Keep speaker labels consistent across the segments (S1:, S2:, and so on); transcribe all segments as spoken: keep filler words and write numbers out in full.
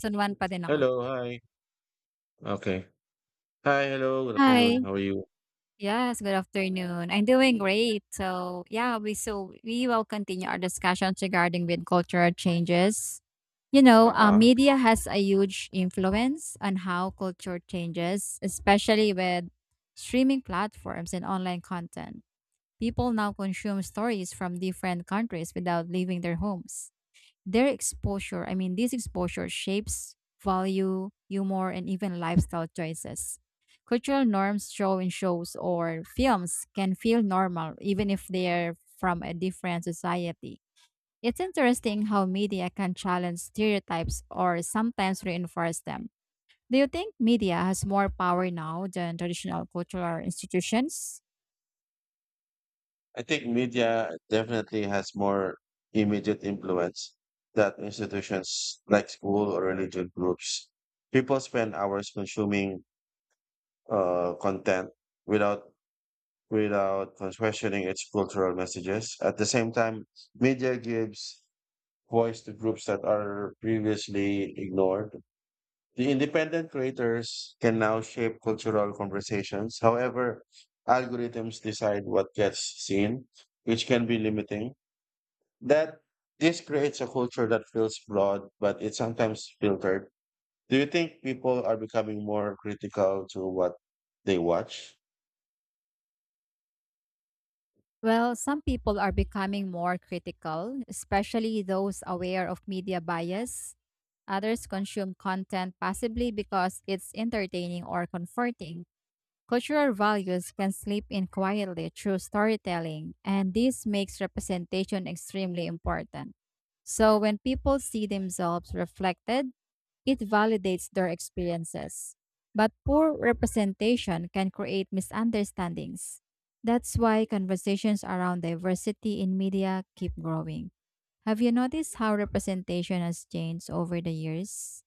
S1: Season one pa din ako.
S2: Hello, hi. Okay. Hi, hello, good
S1: Hi.
S2: afternoon. How are you?
S1: Yes, good afternoon. I'm doing great. So, yeah, we so we will continue our discussions regarding with cultural changes. You know, uh,
S2: Uh-huh.
S1: media has a huge influence on how culture changes, especially with streaming platforms and online content. People now consume stories from different countries without leaving their homes. Their exposure, I mean, this exposure shapes value, humor, and even lifestyle choices. Cultural norms show in shows or films can feel normal even if they're from a different society. It's interesting how media can challenge stereotypes or sometimes reinforce them. Do you think media has more power now than traditional cultural institutions?
S2: I think media definitely has more immediate influence than institutions like school or religion groups. People spend hours consuming uh, content without without questioning its cultural messages. At the same time, media gives voice to groups that are previously ignored. The independent creators can now shape cultural conversations. However, algorithms decide what gets seen, which can be limiting. That This creates a culture that feels flawed, but it's sometimes filtered. Do you think people are becoming more critical to what they watch?
S1: Well, some people are becoming more critical, especially those aware of media bias. Others consume content possibly because it's entertaining or comforting. Cultural values can slip in quietly through storytelling, and this makes representation extremely important. So, when people see themselves reflected, it validates their experiences. But poor representation can create misunderstandings. That's why conversations around diversity in media keep growing. Have you noticed how representation has changed over the years?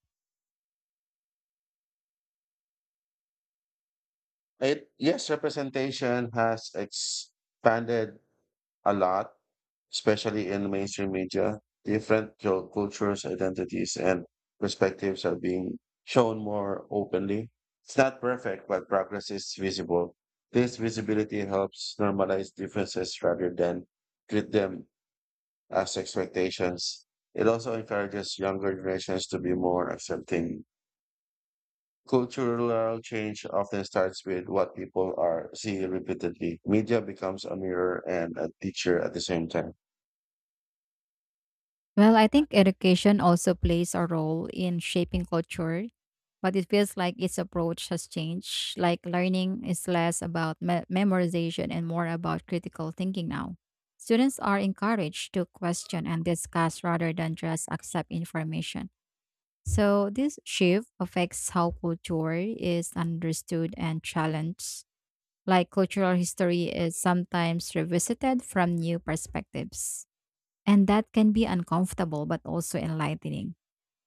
S2: It, yes, representation has expanded a lot, especially in mainstream media. Different cul- cultures, identities, and perspectives are being shown more openly. It's not perfect, but progress is visible. This visibility helps normalize differences rather than treat them as expectations. It also encourages younger generations to be more accepting. Cultural change often starts with what people are seeing repeatedly. Media becomes a mirror and a teacher at the same time.
S1: Well, I think education also plays a role in shaping culture, but it feels like its approach has changed. Like learning is less about me- memorization and more about critical thinking now. Students are encouraged to question and discuss rather than just accept information. So, this shift affects how culture is understood and challenged. Like cultural history is sometimes revisited from new perspectives. And that can be uncomfortable but also enlightening.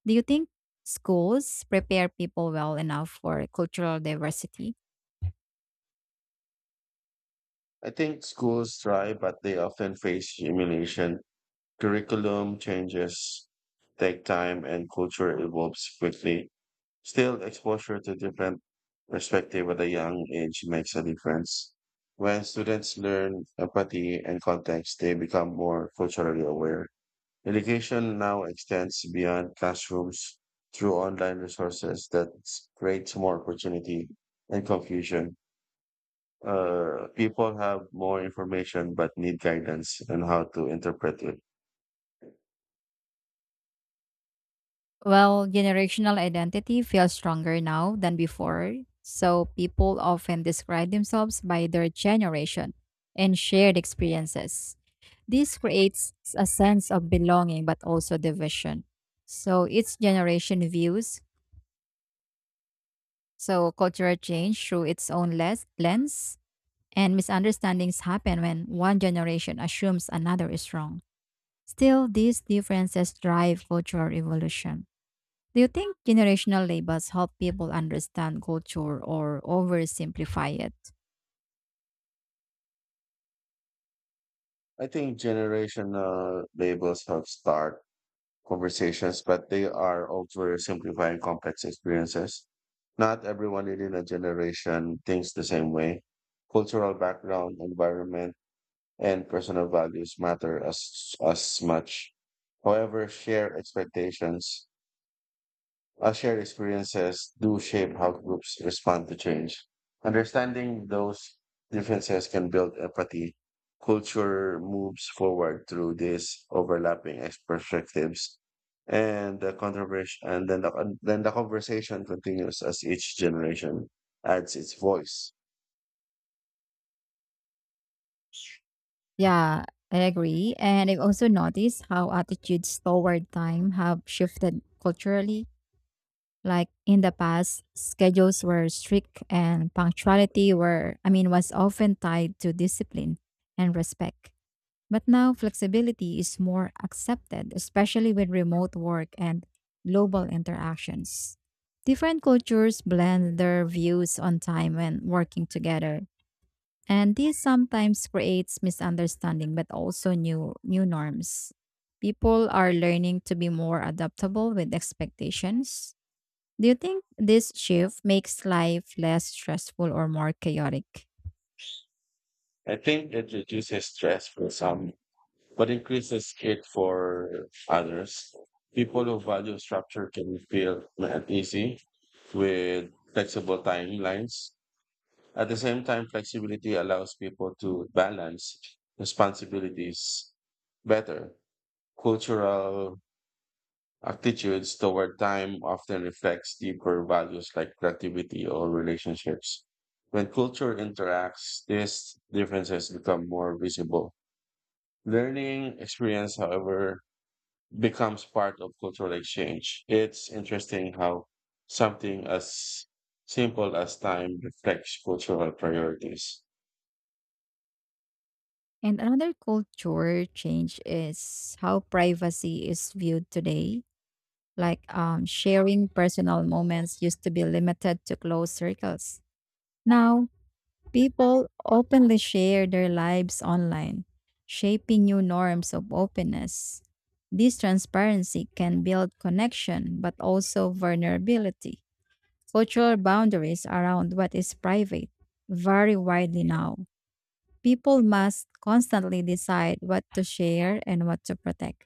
S1: Do you think schools prepare people well enough for cultural diversity?
S2: I think schools try, but they often face humiliation. Curriculum changes take time and culture evolves quickly. Still, exposure to different perspective at a young age makes a difference. When students learn empathy and context, they become more culturally aware. Education now extends beyond classrooms through online resources that creates more opportunity and confusion uh, People have more information but need guidance on how to interpret it.
S1: Well, generational identity feels stronger now than before. So people often describe themselves by their generation and shared experiences. This creates a sense of belonging but also division. So each generation views so cultural change through its own les- lens, and misunderstandings happen when one generation assumes another is wrong. Still, these differences drive cultural evolution. Do you think generational labels help people understand culture or oversimplify it?
S2: I think generational labels help start conversations, but they are oversimplifying complex experiences. Not everyone in a generation thinks the same way. Cultural background, environment, and personal values matter as, as much. However, shared expectations our shared experiences do shape how groups respond to change. Understanding those differences can build empathy. Culture moves forward through these overlapping ex- perspectives, and the controversy, and then the con- then the conversation continues as each generation adds its voice.
S1: Yeah, I agree. And I've also noticed how attitudes toward time have shifted culturally. Like in the past, schedules were strict and punctuality were I mean was often tied to discipline and respect. But now flexibility is more accepted, especially with remote work and global interactions. Different cultures blend their views on time when working together, and this sometimes creates misunderstanding but also new new norms. People are learning to be more adaptable with expectations. Do you think this shift makes life less stressful or more chaotic?
S2: I think it reduces stress for some but increases it for others. People who value structure can feel uneasy with flexible timelines. At the same time, flexibility allows people to balance responsibilities better. Cultural attitudes toward time often reflects deeper values like productivity or relationships. When culture interacts, these differences become more visible. Learning experience, however, becomes part of cultural exchange. It's interesting how something as simple as time reflects cultural priorities.
S1: And another culture change is how privacy is viewed today. Like um, sharing personal moments used to be limited to close circles. Now, people openly share their lives online, shaping new norms of openness. This transparency can build connection, but also vulnerability. Cultural boundaries around what is private vary widely now. People must constantly decide what to share and what to protect.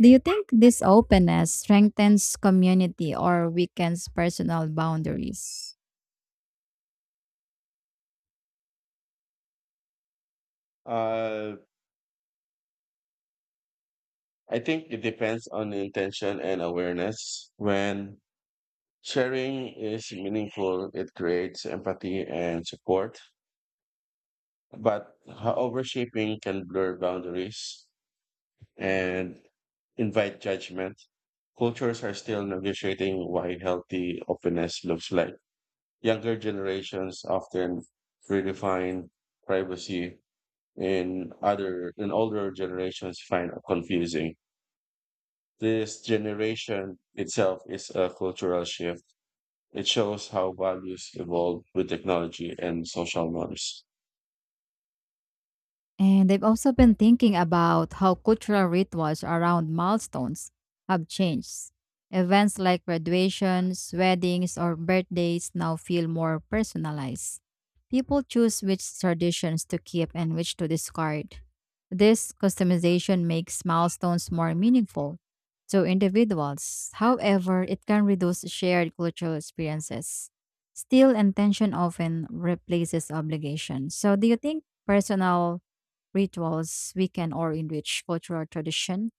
S1: Do you think this openness strengthens community or weakens personal boundaries?
S2: Uh, I think it depends on the intention and awareness. When sharing is meaningful, it creates empathy and support. But ho- overshaping can blur boundaries and invite judgment. Cultures are still negotiating what healthy openness looks like. Younger generations often redefine privacy and other and older generations find it confusing. This generation itself is a cultural shift. It shows how values evolve with technology and social norms.
S1: And I've also been thinking about how cultural rituals around milestones have changed. Events like graduations, weddings, or birthdays now feel more personalized. People choose which traditions to keep and which to discard. This customization makes milestones more meaningful to individuals. However, it can reduce shared cultural experiences. Still, intention often replaces obligation. So, do you think personal rituals we can or enrich cultural tradition?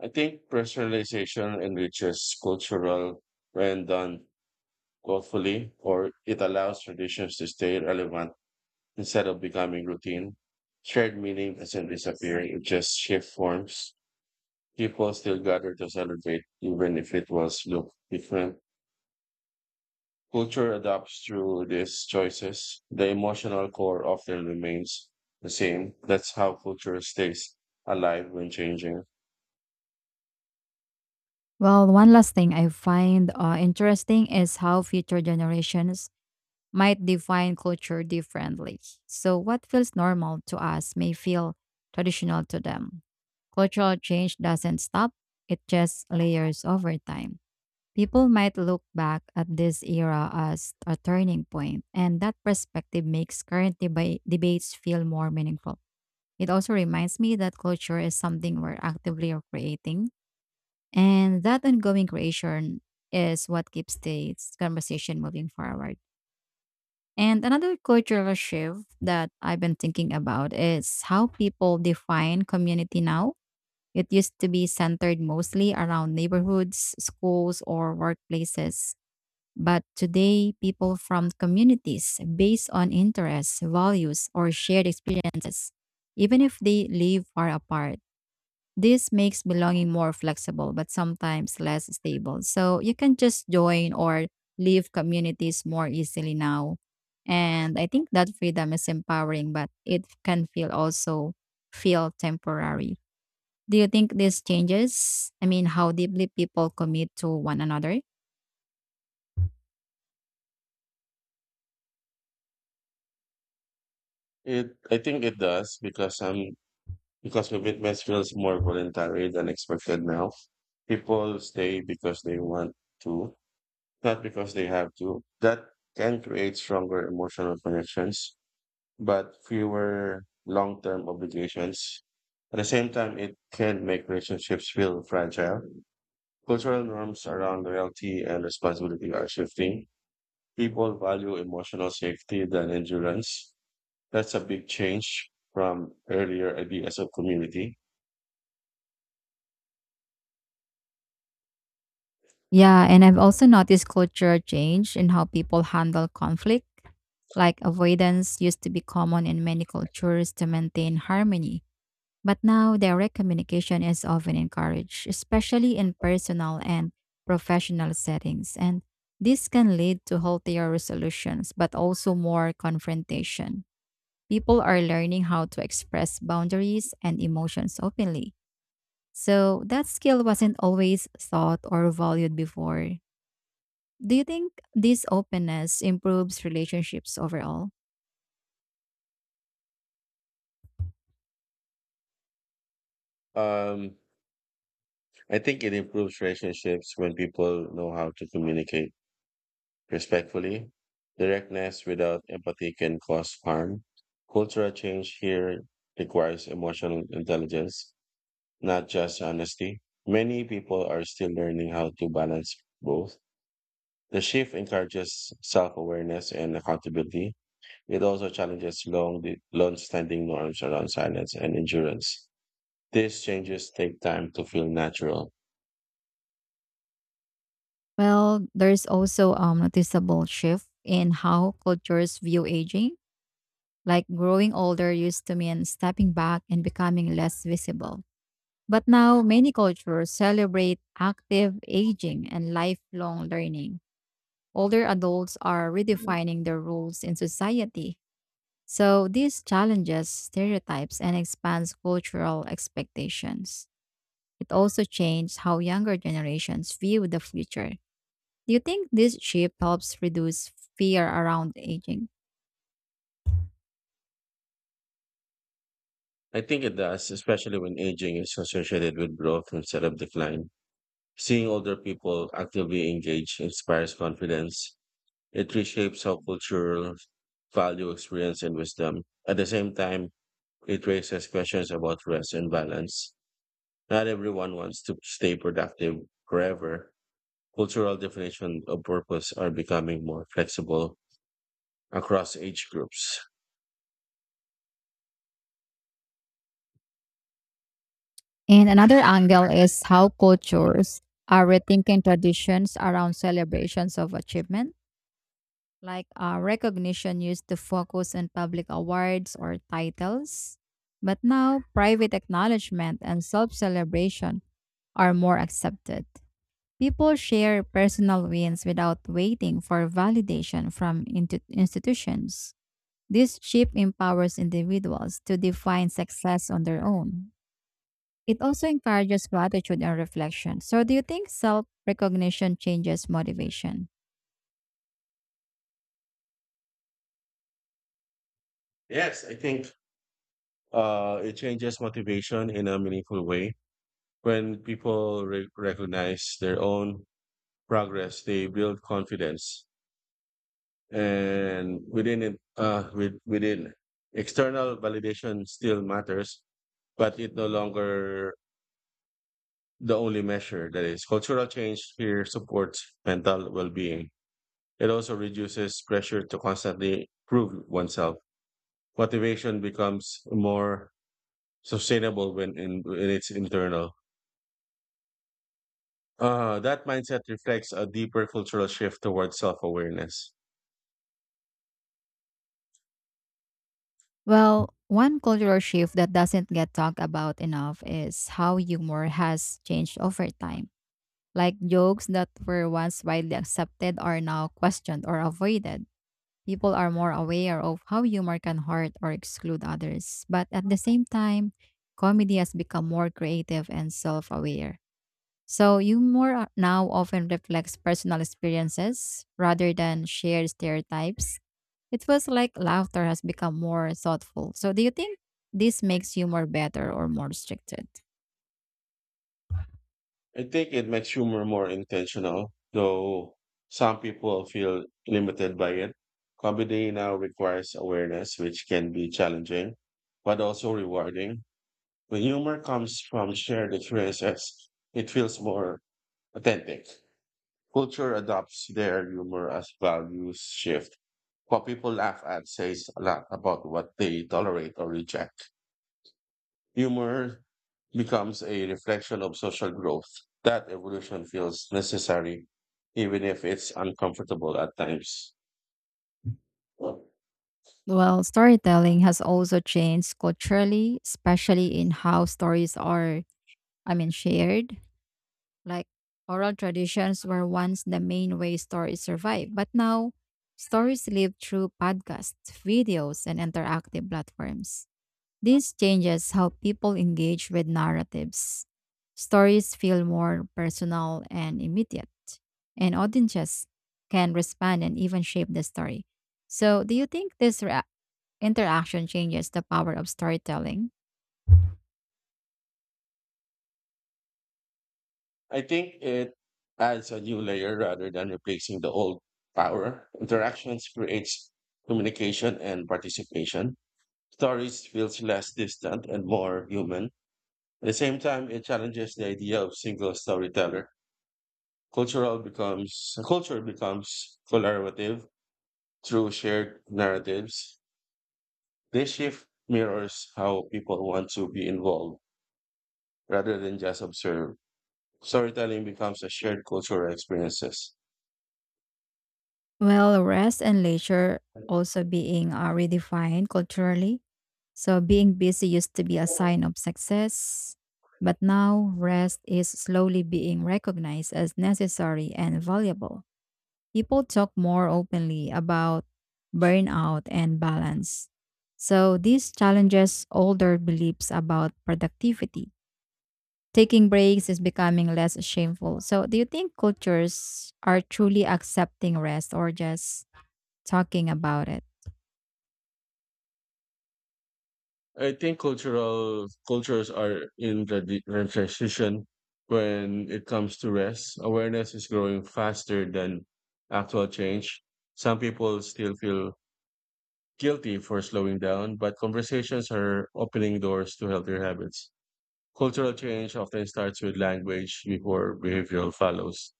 S2: I think personalization enriches cultural when done thoughtfully, or it allows traditions to stay relevant instead of becoming routine. Shared meaning doesn't disappear, it just shifts forms. People still gather to celebrate, even if it was look different. Culture adapts through these choices. The emotional core often remains the same. That's how culture stays alive when changing.
S1: Well, one last thing I find uh, interesting is how future generations might define culture differently. So, what feels normal to us may feel traditional to them. Cultural change doesn't stop, it just layers over time. People might look back at this era as a turning point, and that perspective makes current deba- debates feel more meaningful. It also reminds me that culture is something we're actively creating, and that ongoing creation is what keeps the conversation moving forward. And another cultural shift that I've been thinking about is how people define community now. It used to be centered mostly around neighborhoods, schools, or workplaces. But today, people from communities based on interests, values, or shared experiences, even if they live far apart. This makes belonging more flexible, but sometimes less stable. So you can just join or leave communities more easily now. And I think that freedom is empowering, but it can feel also feel temporary. Do you think this changes, I mean, how deeply people commit to one another?
S2: It, I think it does because um because commitment feels more voluntary than expected now. People stay because they want to, not because they have to. That can create stronger emotional connections but fewer long-term obligations. At the same time, it can make relationships feel fragile. Cultural norms around loyalty and responsibility are shifting. People value emotional safety than endurance. That's a big change from earlier ideas of community.
S1: Yeah, and I've also noticed culture change in how people handle conflict. Like avoidance used to be common in many cultures to maintain harmony. But now, direct communication is often encouraged, especially in personal and professional settings. And this can lead to healthier resolutions, but also more confrontation. People are learning how to express boundaries and emotions openly. So, that skill wasn't always thought or valued before. Do you think this openness improves relationships overall?
S2: Um, I think it improves relationships when people know how to communicate respectfully. Directness without empathy can cause harm. Cultural change here requires emotional intelligence, not just honesty. Many people are still learning how to balance both. The shift encourages self awareness and accountability. It also challenges long standing norms around silence and endurance. These changes take time to feel natural.
S1: Well, there's also a um, noticeable shift in how cultures view aging, like growing older used to mean stepping back and becoming less visible. But now, many cultures celebrate active aging and lifelong learning. Older adults are redefining their roles in society. So, this challenges stereotypes and expands cultural expectations. It also changed how younger generations view the future. Do you think this shift helps reduce fear around aging?
S2: I think it does, especially when aging is associated with growth instead of decline. Seeing older people actively engaged inspires confidence. It reshapes how cultural value, experience, and wisdom. At the same time, it raises questions about rest and balance. Not everyone wants to stay productive forever. Cultural definitions of purpose are becoming more flexible across age groups.
S1: And another angle is how cultures are rethinking traditions around celebrations of achievement, like uh, recognition used to focus on public awards or titles. But now, private acknowledgement and self celebration are more accepted. People share personal wins without waiting for validation from intu- institutions. This shift empowers individuals to define success on their own. It also encourages gratitude and reflection. So, do you think self recognition changes motivation?
S2: Yes, I think uh, it changes motivation in a meaningful way. When people re- recognize their own progress, they build confidence, and within it, uh, with, within external validation still matters, but it no longer the only measure. That is, cultural change here supports mental well-being. It also reduces pressure to constantly prove oneself. Motivation becomes more sustainable when in, when it's internal. Uh, that mindset reflects a deeper cultural shift towards self awareness.
S1: Well, one cultural shift that doesn't get talked about enough is how humor has changed over time. Like jokes that were once widely accepted are now questioned or avoided. People are more aware of how humor can hurt or exclude others. But at the same time, comedy has become more creative and self aware. So humor now often reflects personal experiences rather than shared stereotypes. It feels like laughter has become more thoughtful. So do you think this makes humor better or more restricted?
S2: I think it makes humor more intentional, though some people feel limited by it. Comedy now requires awareness, which can be challenging, but also rewarding. When humor comes from shared experiences, it feels more authentic. Culture adopts their humor as values shift. What people laugh at says a lot about what they tolerate or reject. Humor becomes a reflection of social growth. That evolution feels necessary, even if it's uncomfortable at times.
S1: Well, storytelling has also changed culturally, especially in how stories are, I mean, shared. Like oral traditions were once the main way stories survived, but now stories live through podcasts, videos, and interactive platforms. This changes how people engage with narratives. Stories feel more personal and immediate, and audiences can respond and even shape the story. So, do you think this rea- interaction changes the power of storytelling?
S2: I think it adds a new layer rather than replacing the old power. Interactions creates communication and participation. Stories feels less distant and more human. At the same time, it challenges the idea of single storyteller. Cultural becomes culture becomes collaborative through shared narratives. This shift mirrors how people want to be involved rather than just observe. Storytelling becomes a shared cultural experiences.
S1: Well, rest and leisure also being uh, redefined culturally. So, being busy used to be a sign of success, but now rest is slowly being recognized as necessary and valuable. People talk more openly about burnout and balance. So, this challenges older beliefs about productivity. Taking breaks is becoming less shameful. So, do you think cultures are truly accepting rest or just talking about it?
S2: I think cultural cultures are in the di- the transition when it comes to rest. Awareness is growing faster than actual change. Some people still feel guilty for slowing down, but conversations are opening doors to healthier habits. Cultural change often starts with language before behavioral follows.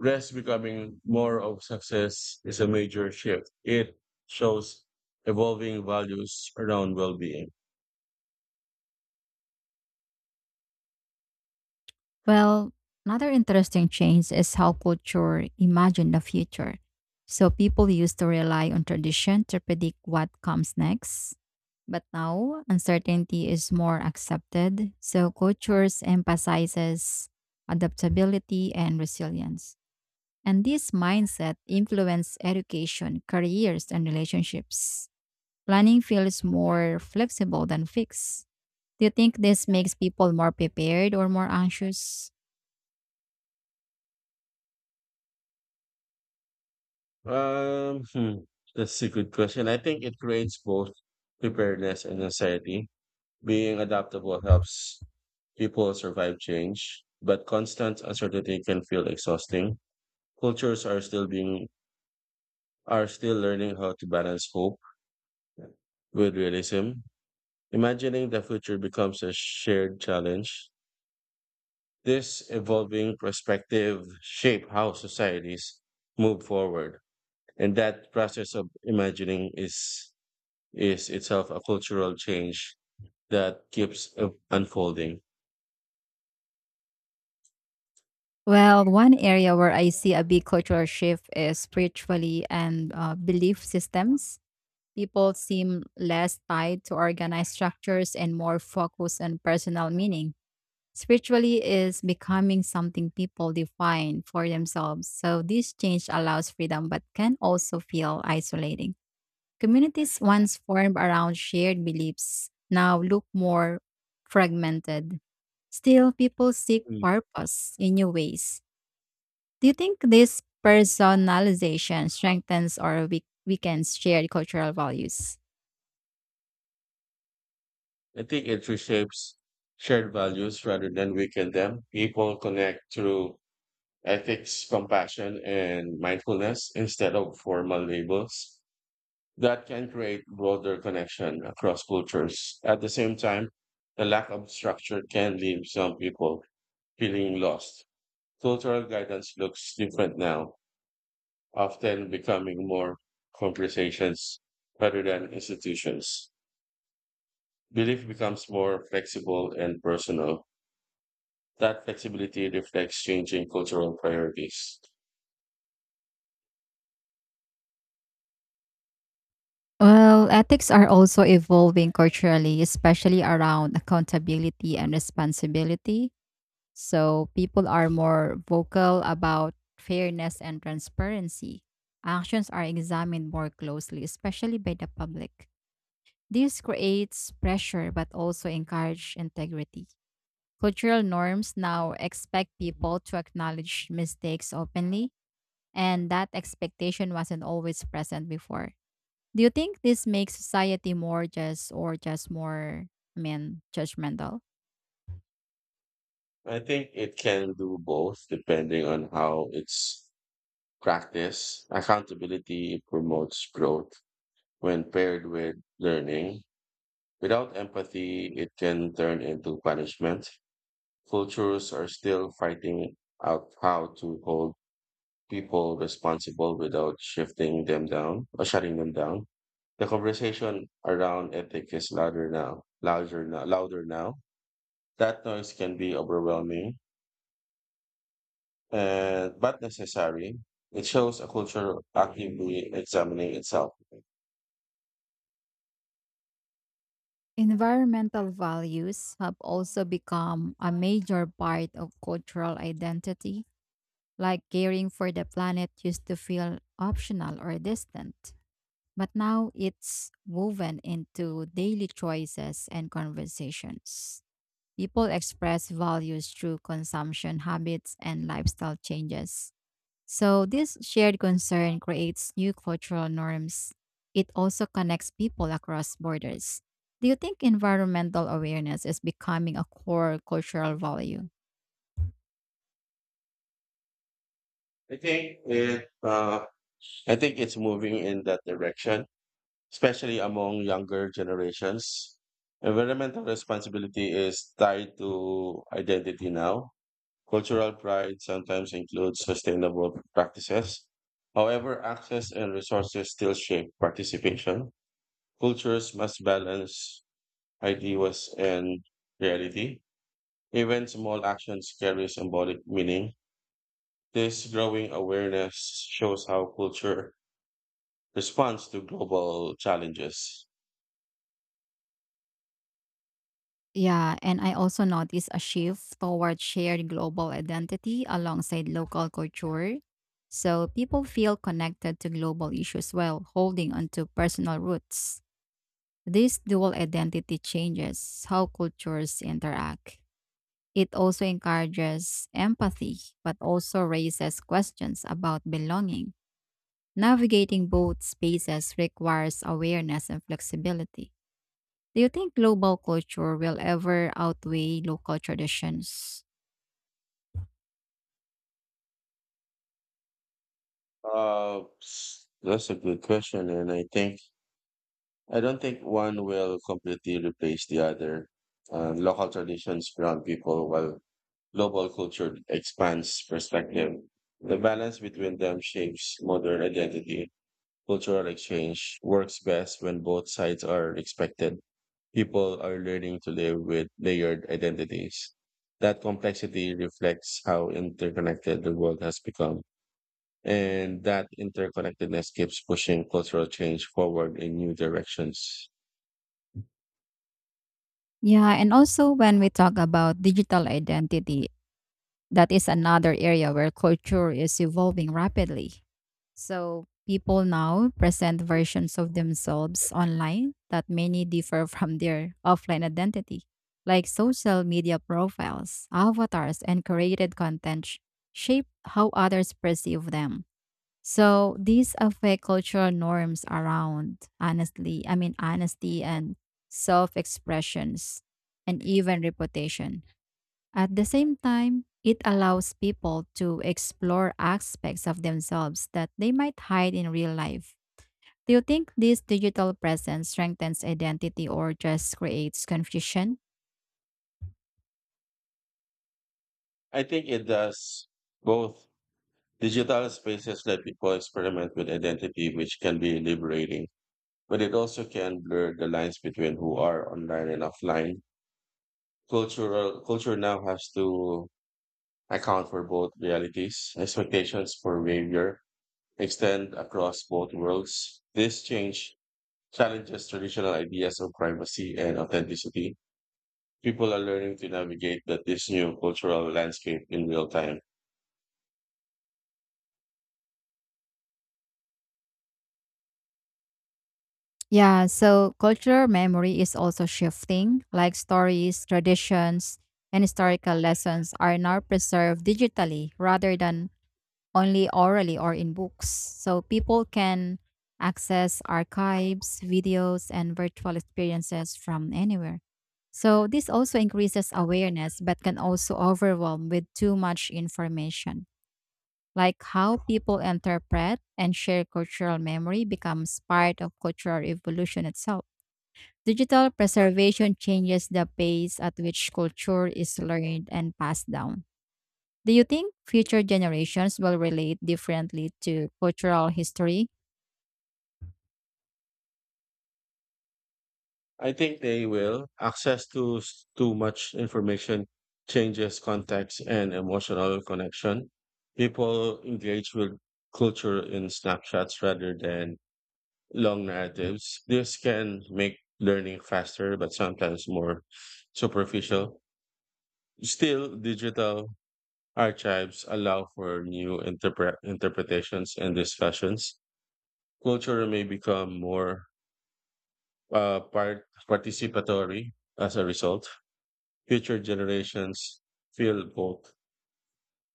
S2: Rest becoming more of success is a major shift. It shows evolving values around well-being.
S1: Well, another interesting change is how culture imagine the future. So people used to rely on tradition to predict what comes next. But now uncertainty is more accepted. So cultures emphasizes adaptability and resilience. And this mindset influence education, careers, and relationships. Planning feels more flexible than fixed. Do you think this makes people more prepared or more anxious?
S2: Um, hmm, that's a good question. I think it creates both preparedness and anxiety. Being adaptable helps people survive change, but constant uncertainty can feel exhausting. Cultures are still being are still learning how to balance hope with realism. Imagining the future becomes a shared challenge. This evolving perspective shape how societies move forward, and that process of imagining is is itself a cultural change that keeps uh, unfolding.
S1: Well, one area where I see a big cultural shift is spiritually and uh, belief systems. People seem less tied to organized structures and more focused on personal meaning. Spiritually is becoming something people define for themselves. So this change allows freedom but can also feel isolating. Communities once formed around shared beliefs now look more fragmented. Still, people seek
S2: Mm.
S1: purpose in new ways. Do you think this personalization strengthens or weak- weakens shared cultural values?
S2: I think it reshapes shared values rather than weaken them. People connect through ethics, compassion, and mindfulness instead of formal labels. That can create broader connection across cultures. At the same time, the lack of structure can leave some people feeling lost. Cultural guidance looks different now, often becoming more conversations rather than institutions. Belief becomes more flexible and personal. That flexibility reflects changing cultural priorities.
S1: Well, ethics are also evolving culturally, especially around accountability and responsibility. So people are more vocal about fairness and transparency. Actions are examined more closely, especially by the public. This creates pressure but also encourage integrity. Cultural norms now expect people to acknowledge mistakes openly, and that expectation wasn't always present before. Do you think this makes society more just or just more, I mean, judgmental?
S2: I think it can do both depending on how it's practiced. Accountability promotes growth when paired with learning. Without empathy, it can turn into punishment. Cultures are still fighting out how to hold people responsible without shifting them down or shutting them down. The conversation around ethics is louder now, louder now, louder now. That noise can be overwhelming, and but necessary. It shows a culture actively examining itself.
S1: Environmental values have also become a major part of cultural identity, like caring for the planet used to feel optional or distant. But now it's woven into daily choices and conversations. People express values through consumption habits and lifestyle changes. So, this shared concern creates new cultural norms. It also connects people across borders. Do you think environmental awareness is becoming a core cultural value?
S2: I think it, uh, I think it's moving in that direction, especially among younger generations. Environmental responsibility is tied to identity now. Cultural pride sometimes includes sustainable practices. However, access and resources still shape participation. Cultures must balance ideas and reality. Even small actions carry symbolic meaning. This growing awareness shows how culture responds to global challenges.
S1: Yeah, and I also noticed a shift toward shared global identity alongside local culture. So people feel connected to global issues while holding onto personal roots. These dual identity changes how cultures interact. It also encourages empathy, but also raises questions about belonging. Navigating both spaces requires awareness and flexibility. Do you think global culture will ever outweigh local traditions?
S2: Uh, s- that's a good question, and I think I don't think one will completely replace the other. Uh, local traditions ground people while global culture expands perspective. The balance between them shapes modern identity. Cultural exchange works best when both sides are respected. People are learning to live with layered identities. That complexity reflects how interconnected the world has become. And that interconnectedness keeps pushing cultural change forward in new directions.
S1: Yeah, and also when we talk about digital identity, that is another area where culture is evolving rapidly. So people now present versions of themselves online that many differ from their offline identity, like social media profiles, avatars, and created content sh- shape how others perceive them. So these affect cultural norms around honestly, I mean honesty and self-expressions and even reputation. At the same time, it allows people to explore aspects of themselves that they might hide in real life. Do you think this digital presence strengthens identity or just creates confusion?
S2: I think it does both. Digital spaces let people experiment with identity, which can be liberating, but it also can blur the lines between who are online and offline. Cultural Culture now has to account for both realities, expectations for behavior, extend across both worlds. This change challenges traditional ideas of privacy and authenticity. People are learning to navigate that this new cultural landscape in real time.
S1: Yeah, so cultural memory is also shifting, like stories, traditions, and historical lessons are now preserved digitally rather than only orally or in books. So people can access archives, videos, and virtual experiences from anywhere. So this also increases awareness, but can also overwhelm with too much information. Like how people interpret and share cultural memory becomes part of cultural evolution itself. Digital preservation changes the pace at which culture is learned and passed down. Do you think future generations will relate differently to cultural history?
S2: I think they will. Access to s- too much information changes context and emotional connection. People engage with culture in snapshots rather than long narratives. This can make learning faster, but sometimes more superficial. Still, digital archives allow for new interpre- interpretations and discussions. Culture may become more uh, part- participatory as a result. Future generations feel both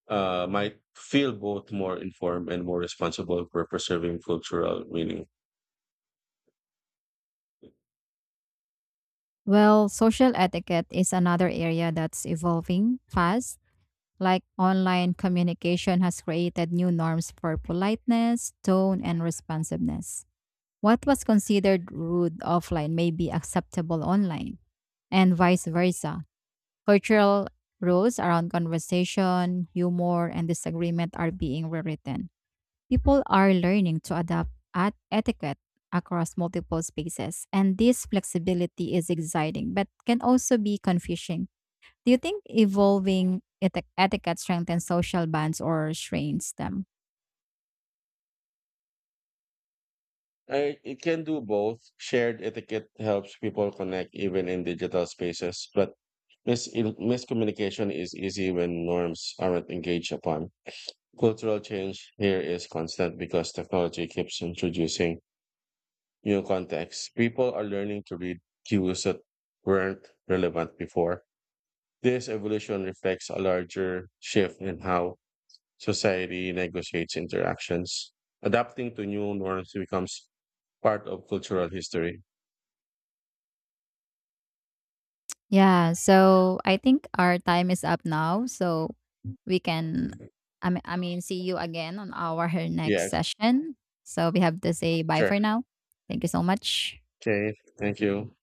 S2: uh, might feel both more informed and more responsible for preserving cultural meaning.
S1: Well, social etiquette is another area that's evolving fast. Like online communication has created new norms for politeness, tone, and responsiveness. What was considered rude offline may be acceptable online, and vice versa. Cultural rules around conversation, humor, and disagreement are being rewritten. People are learning to adapt at etiquette across multiple spaces, and this flexibility is exciting but can also be confusing. Do you think evolving eti- etiquette strengthens social bonds or strains them?
S2: I, it can do both. Shared etiquette helps people connect even in digital spaces, but mis- miscommunication is easy when norms aren't engaged upon. Cultural change here is constant because technology keeps introducing new contexts. People are learning to read cues that weren't relevant before. This evolution reflects a larger shift in how society negotiates interactions. Adapting to new norms becomes part of cultural history.
S1: Yeah, so I think our time is up now, so we can I mean, I mean see you again on our next
S2: Yeah,
S1: session. So we have to say bye
S2: sure.
S1: for now. Thank you so much.
S2: Okay, thank you.